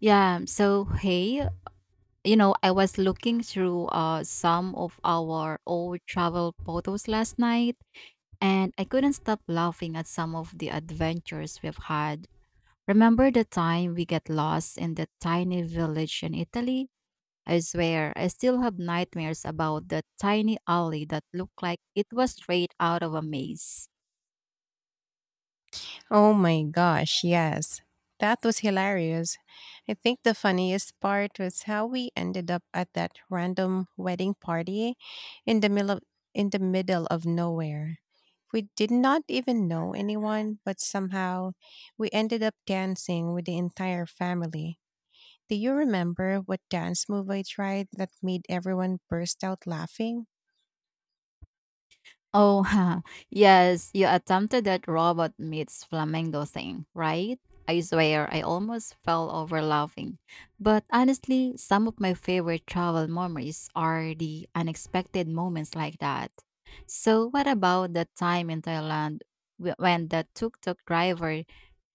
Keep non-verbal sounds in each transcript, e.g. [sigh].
Yeah, so hey, I was looking through some of our old travel photos last night, and I couldn't stop laughing at some of the adventures we've had. Remember the time we got lost in that tiny village in Italy? I swear, I still have nightmares about that tiny alley that looked like it was straight out of a maze. Oh my gosh, yes. That was hilarious. I think the funniest part was how we ended up at that random wedding party in the middle of, in the middle of nowhere. We did not even know anyone, but somehow we ended up dancing with the entire family. Do you remember what dance move I tried that made everyone burst out laughing? Oh, [laughs] yes, you attempted that robot meets flamingo thing, right? I swear, I almost fell over laughing. But honestly, some of my favorite travel memories are the unexpected moments like that. So, what about the time in Thailand when the tuk tuk driver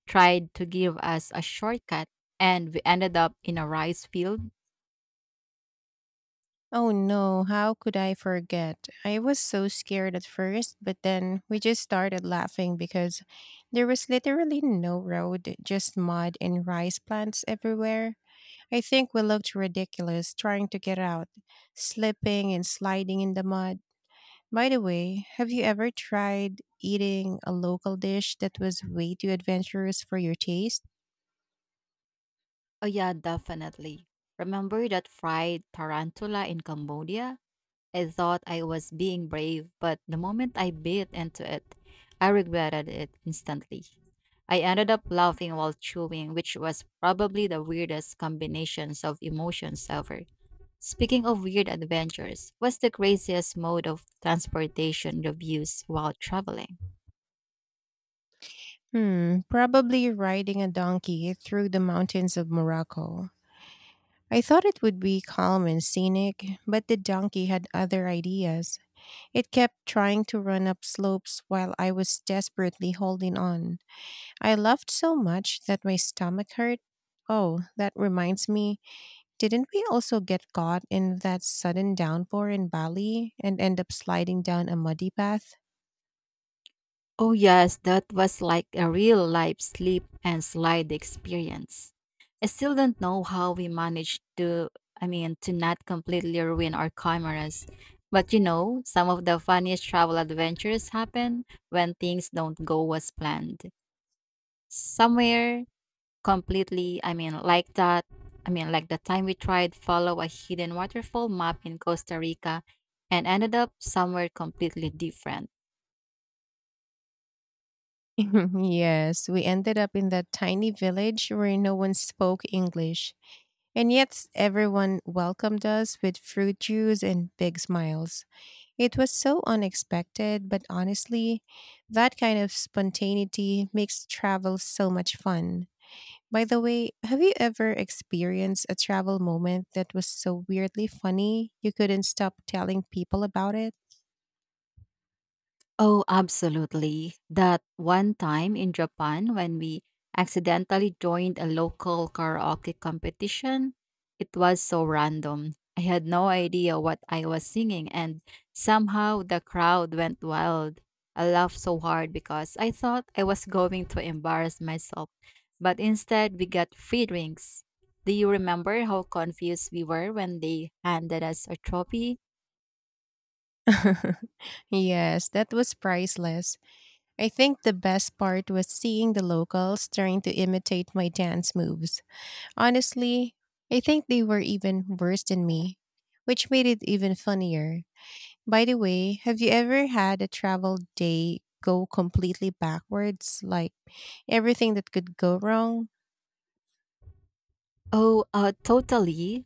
tried to give us a shortcut and we ended up in a rice field? Oh no, how could I forget? I was so scared at first, but then we just started laughing because there was literally no road, just mud and rice plants everywhere. I think we looked ridiculous trying to get out, slipping and sliding in the mud. By the way, have you ever tried eating a local dish that was way too adventurous for your taste? Oh, yeah, definitely. Remember that fried tarantula in Cambodia? I thought I was being brave, but the moment I bit into it, I regretted it instantly. I ended up laughing while chewing, which was probably the weirdest combinations of emotions ever. Speaking of weird adventures, what's the craziest mode of transportation you've used while traveling? Hmm, probably riding a donkey through the mountains of Morocco. I thought it would be calm and scenic, but the donkey had other ideas. It kept trying to run up slopes while I was desperately holding on. I laughed so much that my stomach hurt. Oh, that reminds me, didn't we also get caught in that sudden downpour in Bali and end up sliding down a muddy path? Oh, yes, that was like a real life slip and slide experience. I still don't know how we managed to, I mean, to not completely ruin our cameras. But you know, some of the funniest travel adventures happen when things don't go as planned. Somewhere completely, I mean, like that. I mean, like the time we tried follow a hidden waterfall map in Costa Rica and ended up somewhere completely different. [laughs] Yes, we ended up in that tiny village where no one spoke English. And yet everyone welcomed us with fruit juice and big smiles. It was so unexpected, but honestly, that kind of spontaneity makes travel so much fun. By the way, have you ever experienced a travel moment that was so weirdly funny you couldn't stop telling people about it? Oh, absolutely. That one time in Japan when we accidentally joined a local karaoke competition, it was so random. I had no idea what I was singing, and somehow the crowd went wild. I laughed so hard because I thought I was going to embarrass myself, but instead we got free drinks. Do you remember how confused we were when they handed us a trophy? [laughs] Yes, that was priceless. I think the best part was seeing the locals trying to imitate my dance moves. Honestly, I think they were even worse than me, which made it even funnier. By the way, have you ever had a travel day go completely backwards? Like everything that could go wrong? Oh, totally.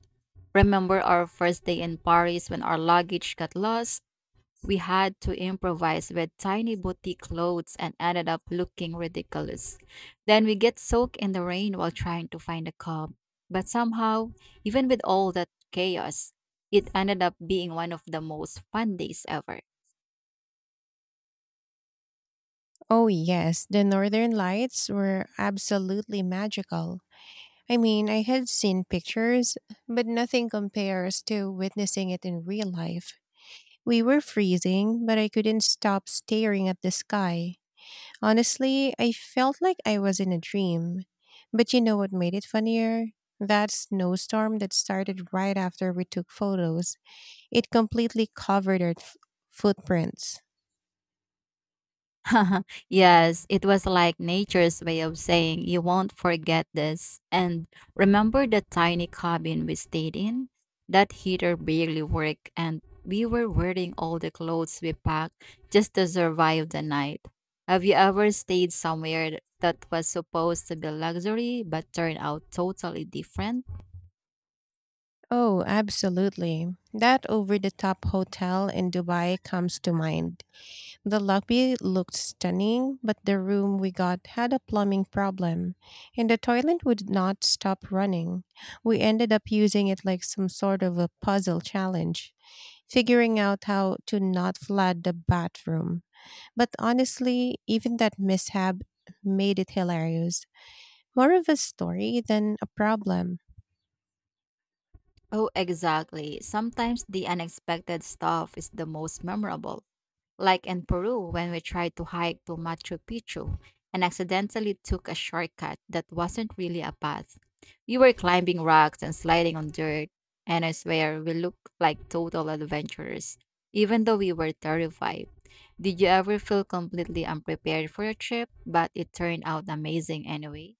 Remember our first day in Paris when our luggage got lost? We had to improvise with tiny boutique clothes and ended up looking ridiculous. Then we get soaked in the rain while trying to find a cab. But somehow, even with all that chaos, it ended up being one of the most fun days ever. Oh, yes, the northern lights were absolutely magical. I mean, I had seen pictures, but nothing compares to witnessing it in real life. We were freezing, but I couldn't stop staring at the sky. Honestly, I felt like I was in a dream. But you know what made it funnier? That snowstorm that started right after we took photos. It completely covered our footprints. [laughs] Yes, it was like nature's way of saying, you won't forget this. And remember the tiny cabin we stayed in? That heater barely worked, and we were wearing all the clothes we packed just to survive the night. Have you ever stayed somewhere that was supposed to be luxury but turned out totally different? Oh, absolutely. That over the top hotel in Dubai comes to mind. The lobby looked stunning, but the room we got had a plumbing problem, and the toilet would not stop running. We ended up using it like some sort of a puzzle challenge, figuring out how to not flood the bathroom. But honestly, even that mishap made it hilarious. More of a story than a problem. Oh, exactly. Sometimes the unexpected stuff is the most memorable, like in Peru when we tried to hike to Machu Picchu and accidentally took a shortcut that wasn't really a path. We were climbing rocks and sliding on dirt, and I swear we looked like total adventurers, even though we were terrified. Did you ever feel completely unprepared for a trip, but it turned out amazing anyway?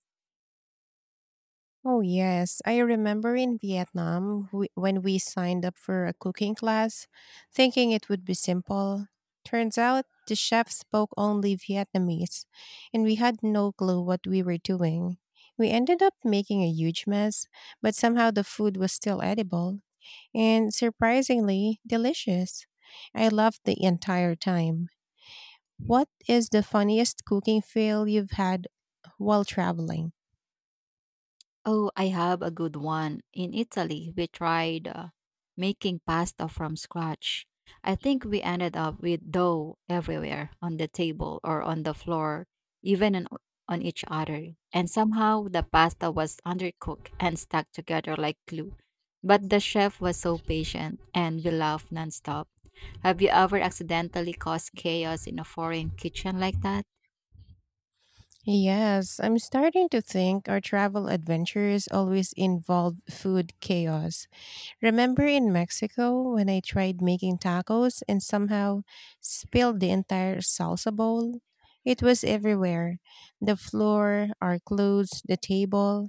Oh, yes. I remember in Vietnam when we signed up for a cooking class, thinking it would be simple. Turns out the chef spoke only Vietnamese, and we had no clue what we were doing. We ended up making a huge mess, but somehow the food was still edible and surprisingly delicious. I loved the entire time. What is the funniest cooking fail you've had while traveling? Oh, I have a good one. In Italy, we tried making pasta from scratch. I think we ended up with dough everywhere on the table or on the floor, even on each other. And somehow the pasta was undercooked and stuck together like glue. But the chef was so patient and we laughed nonstop. Have you ever accidentally caused chaos in a foreign kitchen like that? Yes, I'm starting to think our travel adventures always involve food chaos. Remember in Mexico when I tried making tacos and somehow spilled the entire salsa bowl? It was everywhere the floor, our clothes, the table.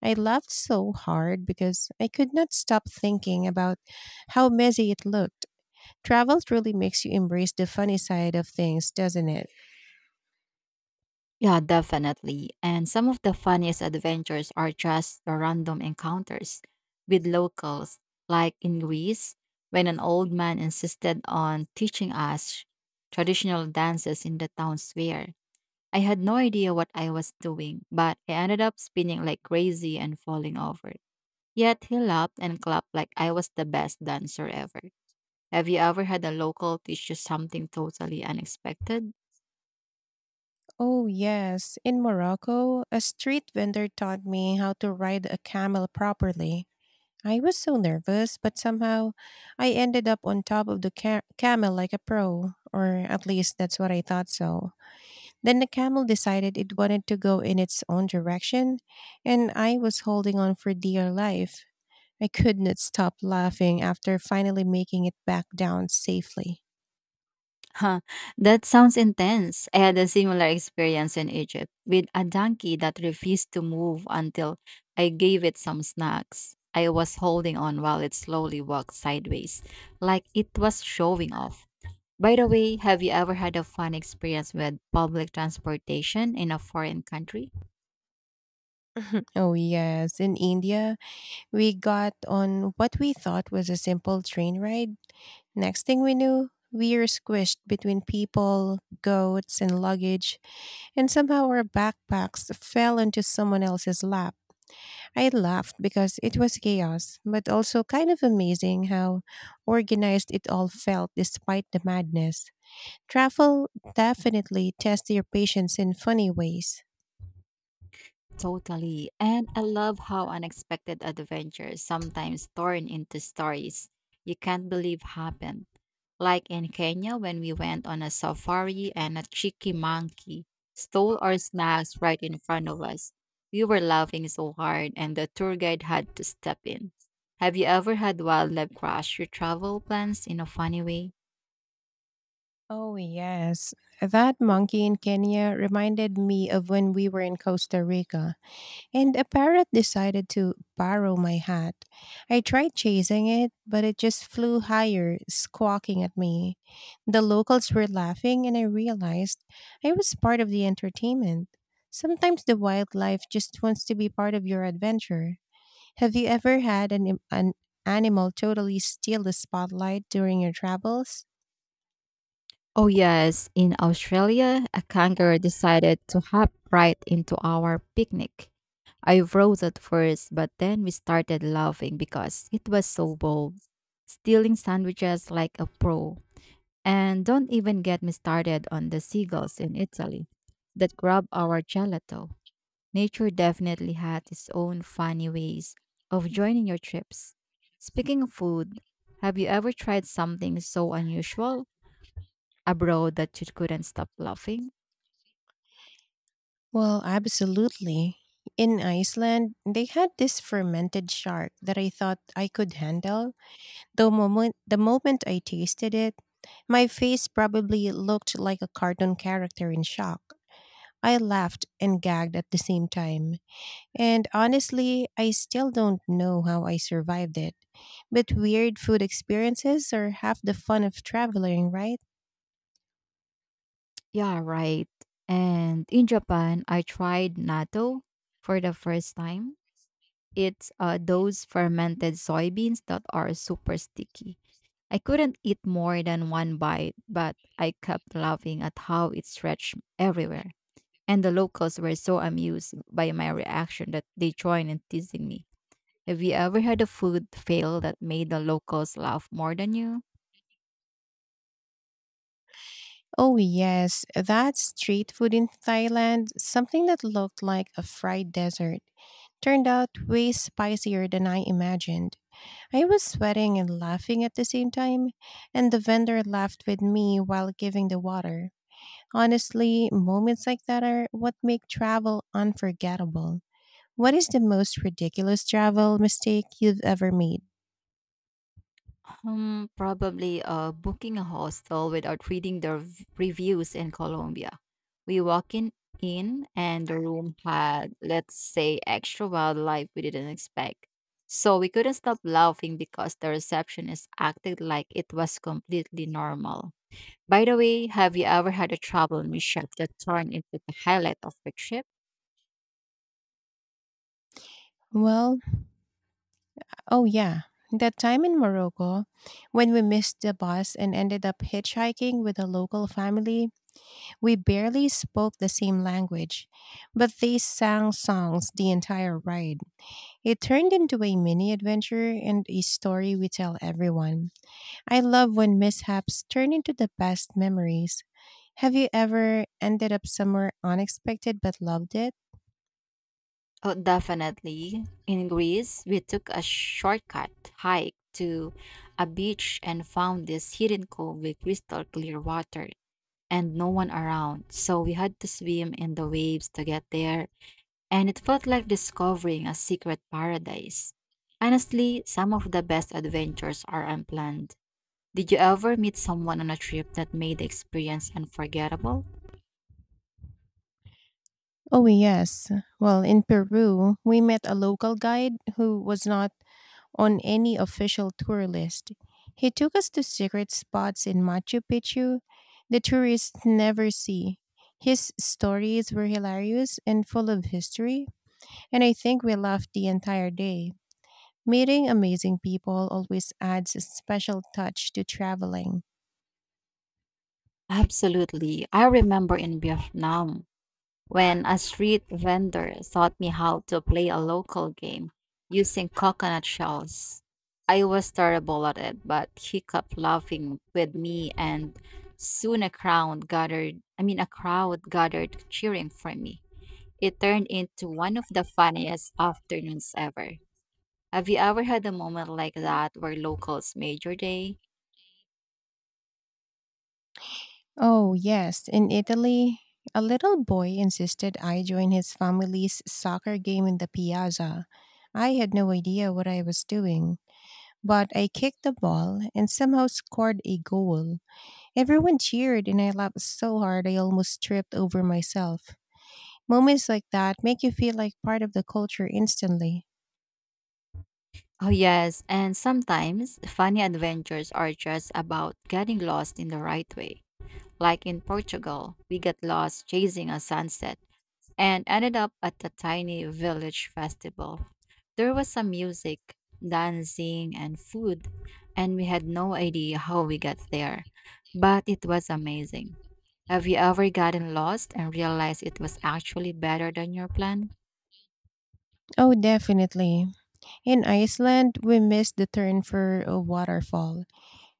I laughed so hard because I could not stop thinking about how messy it looked. Travel truly makes you embrace the funny side of things, doesn't it? Yeah, definitely. And some of the funniest adventures are just the random encounters with locals, like in Greece, when an old man insisted on teaching us traditional dances in the town square. I had no idea what I was doing, but I ended up spinning like crazy and falling over. Yet he laughed and clapped like I was the best dancer ever. Have you ever had a local teach you something totally unexpected? Oh, yes. In Morocco, a street vendor taught me how to ride a camel properly. I was so nervous, but somehow I ended up on top of the camel like a pro, or at least that's what I thought so. Then the camel decided it wanted to go in its own direction, and I was holding on for dear life. I could not stop laughing after finally making it back down safely. Huh, that sounds intense. I had a similar experience in Egypt with a donkey that refused to move until I gave it some snacks. I was holding on while it slowly walked sideways, like it was showing off. By the way, have you ever had a fun experience with public transportation in a foreign country? [laughs] Oh, yes. In India, we got on what we thought was a simple train ride. Next thing we knew, we were squished between people, goats, and luggage, and somehow our backpacks fell into someone else's lap. I laughed because it was chaos, but also kind of amazing how organized it all felt despite the madness. Travel definitely tests your patience in funny ways. Totally. And I love how unexpected adventures sometimes turn into stories you can't believe happened. Like in Kenya, when we went on a safari and a cheeky monkey stole our snacks right in front of us. We were laughing so hard, and the tour guide had to step in. Have you ever had wildlife crash your travel plans in a funny way? Oh, yes. That monkey in Kenya reminded me of when we were in Costa Rica. And a parrot decided to borrow my hat. I tried chasing it, but it just flew higher, squawking at me. The locals were laughing, and I realized I was part of the entertainment. Sometimes the wildlife just wants to be part of your adventure. Have you ever had an animal totally steal the spotlight during your travels? Oh, yes. In Australia, a kangaroo decided to hop right into our picnic. I froze at first, but then we started laughing because it was so bold, stealing sandwiches like a pro. And don't even get me started on the seagulls in Italy that grab our gelato. Nature definitely had its own funny ways of joining your trips. Speaking of food, have you ever tried something so unusual abroad that you couldn't stop laughing? Well, absolutely. In Iceland, they had this fermented shark that I thought I could handle. The moment I tasted it, my face probably looked like a cartoon character in shock. I laughed and gagged at the same time. And honestly, I still don't know how I survived it. But weird food experiences are half the fun of traveling, right? Yeah, right. And in Japan, I tried natto for the first time. It's those fermented soybeans that are super sticky. I couldn't eat more than one bite, but I kept laughing at how it stretched everywhere. And the locals were so amused by my reaction that they joined in teasing me. Have you ever had a food fail that made the locals laugh more than you? Oh, yes, that street food in Thailand, something that looked like a fried desert, turned out way spicier than I imagined. I was sweating and laughing at the same time, and the vendor laughed with me while giving the water. Honestly, moments like that are what make travel unforgettable. What is the most ridiculous travel mistake you've ever made? Probably booking a hostel without reading the reviews in Colombia. We walked in and the room had, let's say, extra wildlife we didn't expect. So we couldn't stop laughing because the receptionist acted like it was completely normal. By the way, have you ever had a travel mishap that turned into the highlight of your trip? Well, oh yeah, that time in Morocco when we missed the bus and ended up hitchhiking with a local family, we barely spoke the same language, but they sang songs the entire ride. It turned into a mini adventure and a story we tell everyone. I love when mishaps turn into the best memories. Have you ever ended up somewhere unexpected but loved it? Oh, definitely. In Greece, we took a shortcut hike to a beach and found this hidden cove with crystal clear water and no one around. So we had to swim in the waves to get there, and it felt like discovering a secret paradise. Honestly, some of the best adventures are unplanned. Did you ever meet someone on a trip that made the experience unforgettable? Oh, yes. Well, in Peru, we met a local guide who was not on any official tour list. He took us to secret spots in Machu Picchu the tourists never see. His stories were hilarious and full of history, and I think we laughed the entire day. Meeting amazing people always adds a special touch to traveling. Absolutely. I remember in Vietnam, when a street vendor taught me how to play a local game using coconut shells. I was terrible at it, but he kept laughing with me and soon a crowd gathered I mean a crowd gathered cheering for me. It turned into one of the funniest afternoons ever. Have you ever had a moment like that where locals made your day? Oh, yes, in Italy, a little boy insisted I join his family's soccer game in the piazza. I had no idea what I was doing, but I kicked the ball and somehow scored a goal. Everyone cheered and I laughed so hard I almost tripped over myself. Moments like that make you feel like part of the culture instantly. Oh yes, and sometimes funny adventures are just about getting lost in the right way. Like in Portugal, we got lost chasing a sunset and ended up at a tiny village festival. There was some music, dancing, and food, and we had no idea how we got there, but it was amazing. Have you ever gotten lost and realized it was actually better than your plan? Oh, definitely. In Iceland, we missed the turn for a waterfall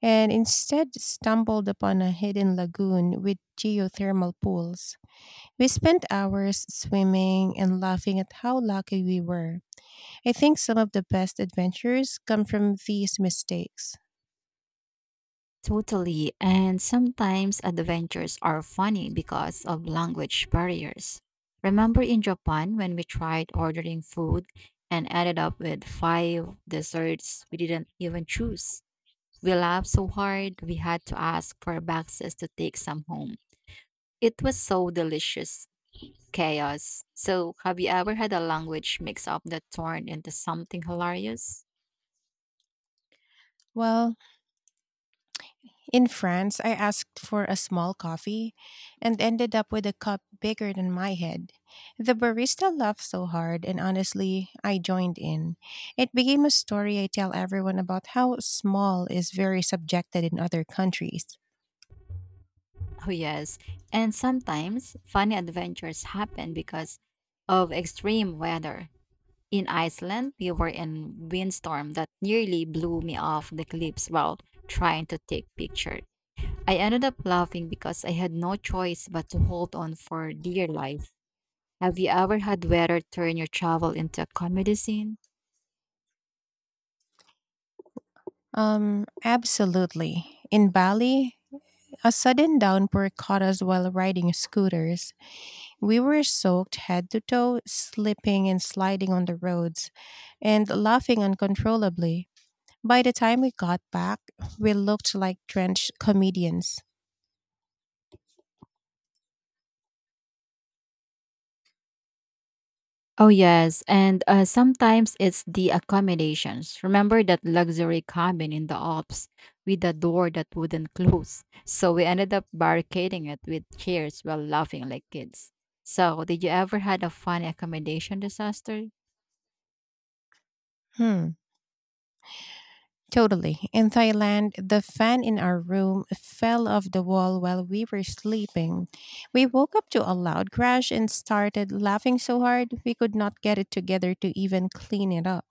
and instead stumbled upon a hidden lagoon with geothermal pools. We spent hours swimming and laughing at how lucky we were. I think some of the best adventures come from these mistakes. Totally, and sometimes adventures are funny because of language barriers. Remember in Japan when we tried ordering food and ended up with five desserts we didn't even choose? We laughed so hard we had to ask for boxes to take some home. It was so delicious chaos. So, have you ever had a language mix up that turned into something hilarious? Well, in France, I asked for a small coffee and ended up with a cup bigger than my head. The barista laughed so hard, and honestly, I joined in. It became a story I tell everyone about how small is very subjected in other countries. Oh, yes. And sometimes funny adventures happen because of extreme weather. In Iceland, we were in windstorm that nearly blew me off the cliffs while trying to take picture. I ended up laughing because I had no choice but to hold on for dear life. Have you ever had weather turn your travel into a comedy scene? Absolutely. In Bali, a sudden downpour caught us while riding scooters. We were soaked head to toe, slipping and sliding on the roads, and laughing uncontrollably. By the time we got back, we looked like drenched comedians. Oh, yes. And sometimes it's the accommodations. Remember that luxury cabin in the Alps with a door that wouldn't close? So we ended up barricading it with chairs while laughing like kids. So, did you ever had a funny accommodation disaster? Hmm. Totally. In Thailand, the fan in our room fell off the wall while we were sleeping. We woke up to a loud crash and started laughing so hard we could not get it together to even clean it up.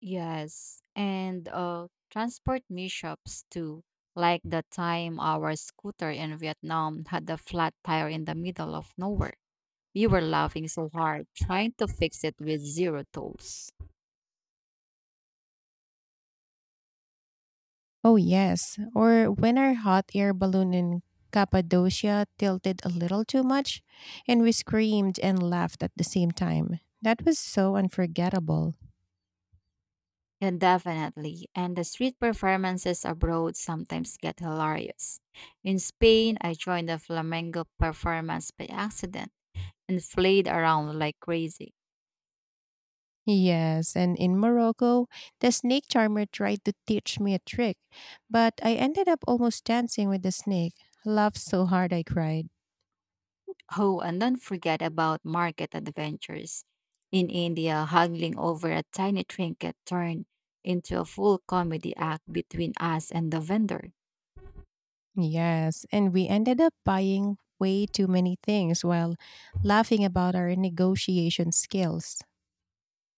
Yes. And transport mishaps too. Like the time our scooter in Vietnam had a flat tire in the middle of nowhere. We were laughing so hard, trying to fix it with zero tools. Oh, yes. Or when our hot air balloon in Cappadocia tilted a little too much and we screamed and laughed at the same time. That was so unforgettable. Yeah, definitely. And the street performances abroad sometimes get hilarious. In Spain, I joined a flamenco performance by accident and flayed around like crazy. Yes, and in Morocco, the snake charmer tried to teach me a trick, but I ended up almost dancing with the snake. Laughed so hard I cried. Oh, and don't forget about market adventures. In India, haggling over a tiny trinket turned into a full comedy act between us and the vendor. Yes, and we ended up buying way too many things while laughing about our negotiation skills.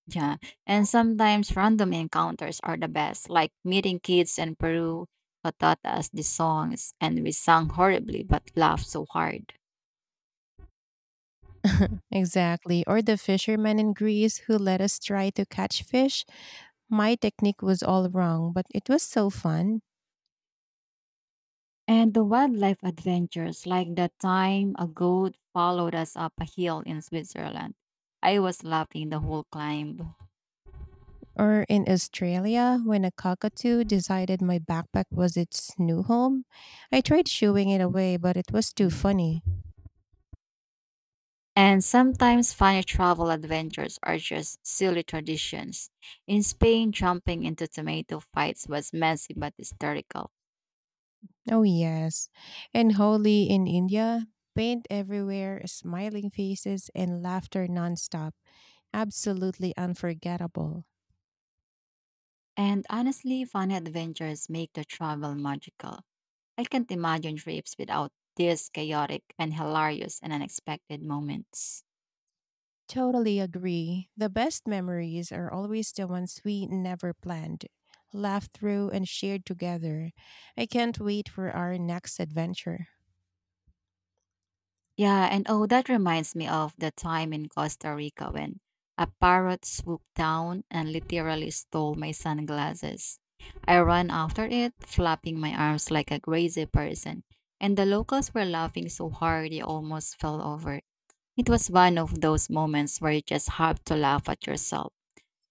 Yeah. And sometimes random encounters are the best, like meeting kids in Peru who taught us the songs and we sang horribly but laughed so hard. [laughs] Exactly. Or the fisherman in Greece who let us try to catch fish. My technique was all wrong, but it was so fun. And the wildlife adventures, like the time a goat followed us up a hill in Switzerland. I was laughing the whole climb. Or in Australia, when a cockatoo decided my backpack was its new home, I tried shooing it away, but it was too Mhm. funny. And sometimes funny travel adventures are just silly traditions. In Spain, jumping into tomato fights was messy but hysterical. Oh, yes. And Holi in India, paint everywhere, smiling faces, and laughter nonstop. Absolutely unforgettable. And honestly, fun adventures make the travel magical. I can't imagine trips without these chaotic and hilarious and unexpected moments. Totally agree. The best memories are always the ones we never planned, laughed through, and shared together. I can't wait for our next adventure. Yeah, and oh, that reminds me of the time in Costa Rica when a parrot swooped down and literally stole my sunglasses. I ran after it, flapping my arms like a crazy person, and the locals were laughing so hard they almost fell over. It was one of those moments where you just have to laugh at yourself.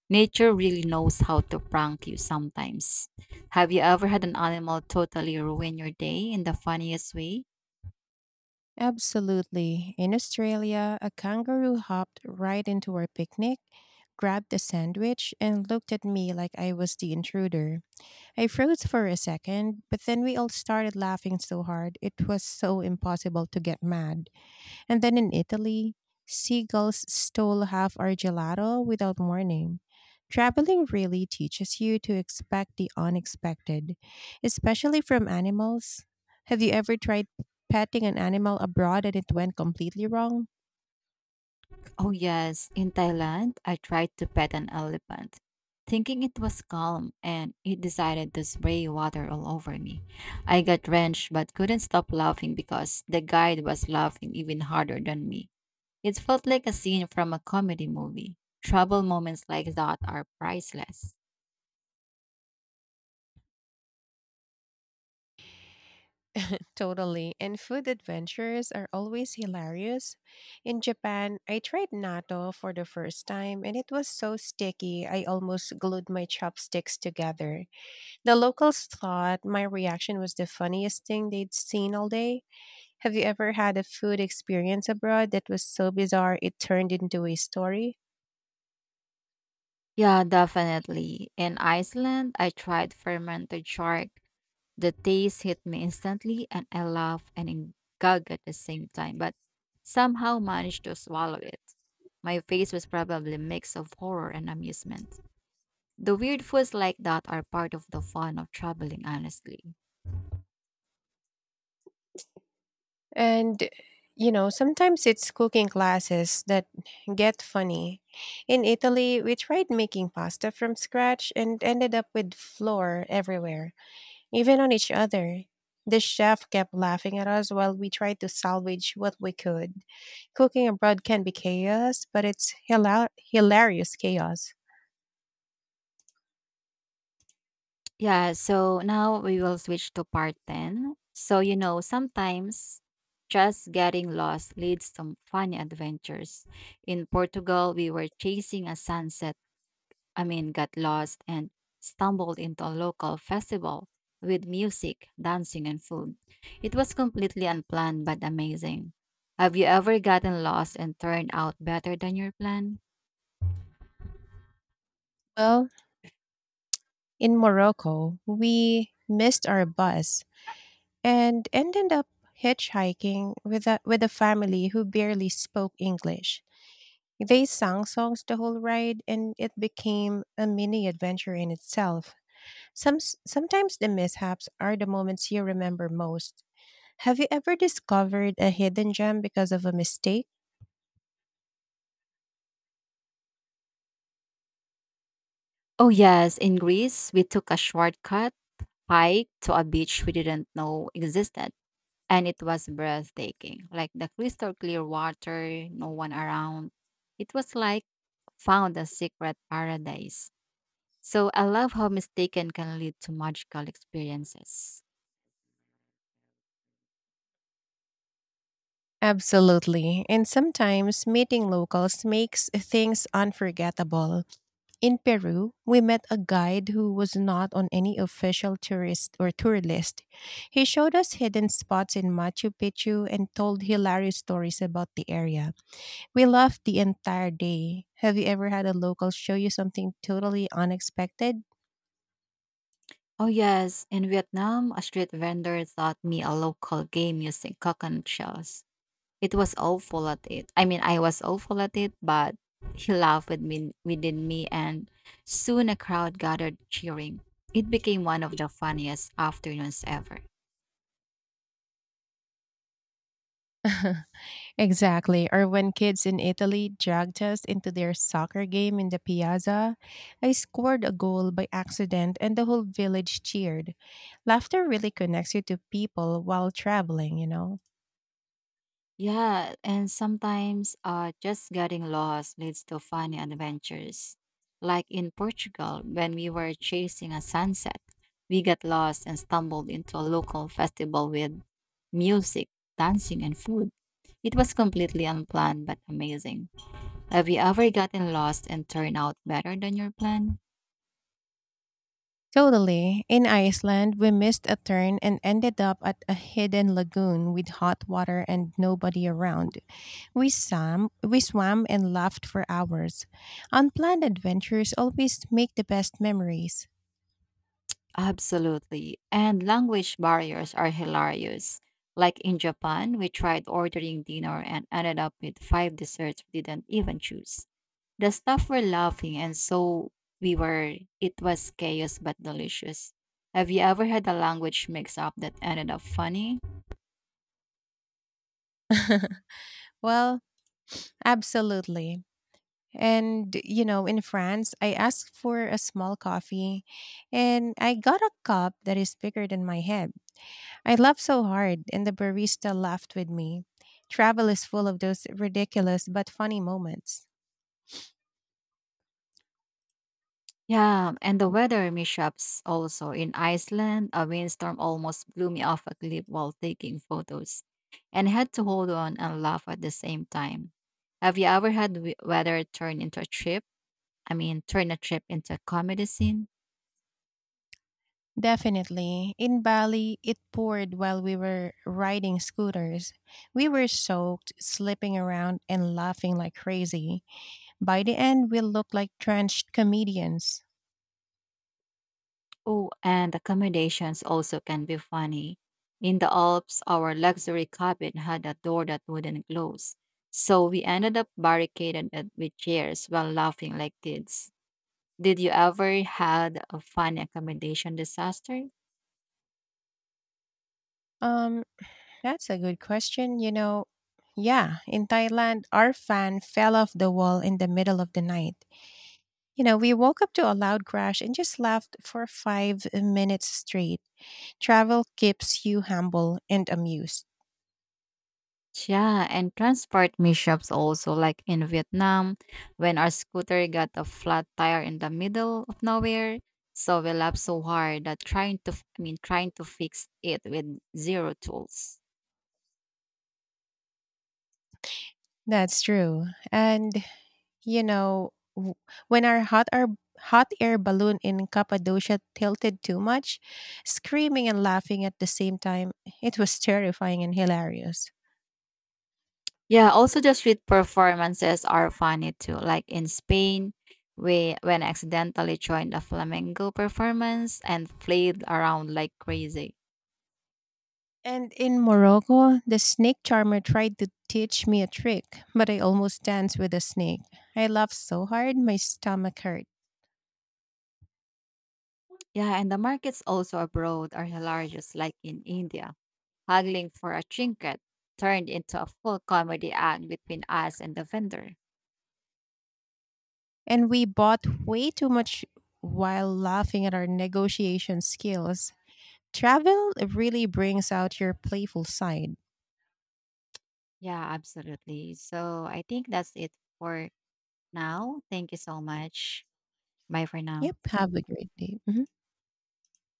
Nature really knows how to prank you sometimes. Have you ever had an animal totally ruin your day in the funniest way? Absolutely. In Australia, a kangaroo hopped right into our picnic, grabbed a sandwich, and looked at me like I was the intruder. I froze for a second, but then we all started laughing so hard it was so impossible to get mad. And then in Italy, seagulls stole half our gelato without warning. Traveling really teaches you to expect the unexpected, especially from animals. Have you ever tried petting an animal abroad and it went completely wrong? Oh, yes. In Thailand, I tried to pet an elephant, thinking it was calm, and it decided to spray water all over me. I got wrenched but couldn't stop laughing because the guide was laughing even harder than me. It felt like a scene from a comedy movie. Trouble moments like that are priceless. Totally. And food adventures are always hilarious. In Japan, I tried natto for the first time and it was so sticky I almost glued my chopsticks together. The locals thought my reaction was the funniest thing they'd seen all day. Have you ever had a food experience abroad that was so bizarre it turned into a story? Yeah, definitely. In Iceland, I tried fermented shark. The taste hit me instantly, and I laughed and gag at the same time, but somehow managed to swallow it. My face was probably a mix of horror and amusement. The weird foods like that are part of the fun of traveling, honestly. And, you know, sometimes it's cooking classes that get funny. In Italy, we tried making pasta from scratch and ended up with flour everywhere, even on each other. The chef kept laughing at us while we tried to salvage what we could. Cooking abroad can be chaos, but it's hilarious chaos. Yeah, so now we will switch to part 10. So, sometimes just getting lost leads to funny adventures. In Portugal, we were chasing a sunset. Got lost and stumbled into a local festival with music, dancing, and food. It was completely unplanned but amazing. Have you ever gotten lost and turned out better than your plan? Well, in Morocco, we missed our bus and ended up hitchhiking with with a family who barely spoke English. They sang songs the whole ride, and it became a mini adventure in itself. Some, Sometimes the mishaps are the moments you remember most. Have you ever discovered a hidden gem because of a mistake? Oh, yes. In Greece, we took a shortcut hike to a beach we didn't know existed. And it was breathtaking. Like the crystal clear water, no one around. It was like found a secret paradise. So I love how mistaken can lead to magical experiences. Absolutely. And sometimes meeting locals makes things unforgettable. In Peru, we met a guide who was not on any official tourist or tour list. He showed us hidden spots in Machu Picchu and told hilarious stories about the area. We laughed the entire day. Have you ever had a local show you something totally unexpected? Oh yes, in Vietnam, a street vendor taught me a local game using coconut shells. It was awful at it. I mean, I was awful at it, but he laughed with me, within me, and soon a crowd gathered cheering. It became one of the funniest afternoons ever. Exactly. Or when kids in Italy dragged us into their soccer game in the piazza, I scored a goal by accident and the whole village cheered. Laughter really connects you to people while traveling, you know? Yeah, and sometimes just getting lost leads to funny adventures. Like in Portugal, when we were chasing a sunset, we got lost and stumbled into a local festival with music, dancing, and food. It was completely unplanned but amazing. Have you ever gotten lost and turned out better than your plan? Totally. In Iceland, we missed a turn and ended up at a hidden lagoon with hot water and nobody around. We swam and laughed for hours. Unplanned adventures always make the best memories. Absolutely. And language barriers are hilarious. Like in Japan, we tried ordering dinner and ended up with 5 desserts we didn't even choose. The staff were laughing and so we were. It was chaos but delicious. Have you ever had a language mix up that ended up funny? Well, absolutely. And, you know, in France, I asked for a small coffee and I got a cup that is bigger than my head. I laughed so hard, and the barista laughed with me. Travel is full of those ridiculous but funny moments. Yeah, and the weather mishaps also. In Iceland, a windstorm almost blew me off a cliff while taking photos and had to hold on and laugh at the same time. Have you ever had weather turn into a trip? I mean, turn a trip into a comedy scene? Definitely. In Bali, it poured while we were riding scooters. We were soaked, slipping around, and laughing like crazy. By the end, we looked like drenched comedians. Oh, and accommodations also can be funny. In the Alps, our luxury cabin had a door that wouldn't close. So we ended up barricaded it with chairs while laughing like kids. Did you ever had a fun accommodation disaster? Um, That's a good question. You know, yeah, in Thailand, our fan fell off the wall in the middle of the night. You know, we woke up to a loud crash and just laughed for 5 minutes straight. Travel keeps you humble and amused. Yeah, and transport mishaps also, like in Vietnam, when our scooter got a flat tire in the middle of nowhere. So we laughed so hard that trying to, I mean, trying to fix it with zero tools. That's true. And, you know, when our hot air balloon in Cappadocia tilted too much, screaming and laughing at the same time, it was terrifying and hilarious. Yeah, also the street performances are funny too. Like in Spain, we when I accidentally joined a flamenco performance and played around like crazy. And in Morocco, the snake charmer tried to teach me a trick, but I almost danced with a snake. I laughed so hard, my stomach hurt. Yeah, and the markets also abroad are hilarious, like in India. Haggling for a trinket turned into a full comedy act between us and the vendor. And we bought way too much while laughing at our negotiation skills. Travel really brings out your playful side. Yeah, absolutely. So I think that's it for now. Thank you so much. Bye for now. Yep, have a great day. Mhm.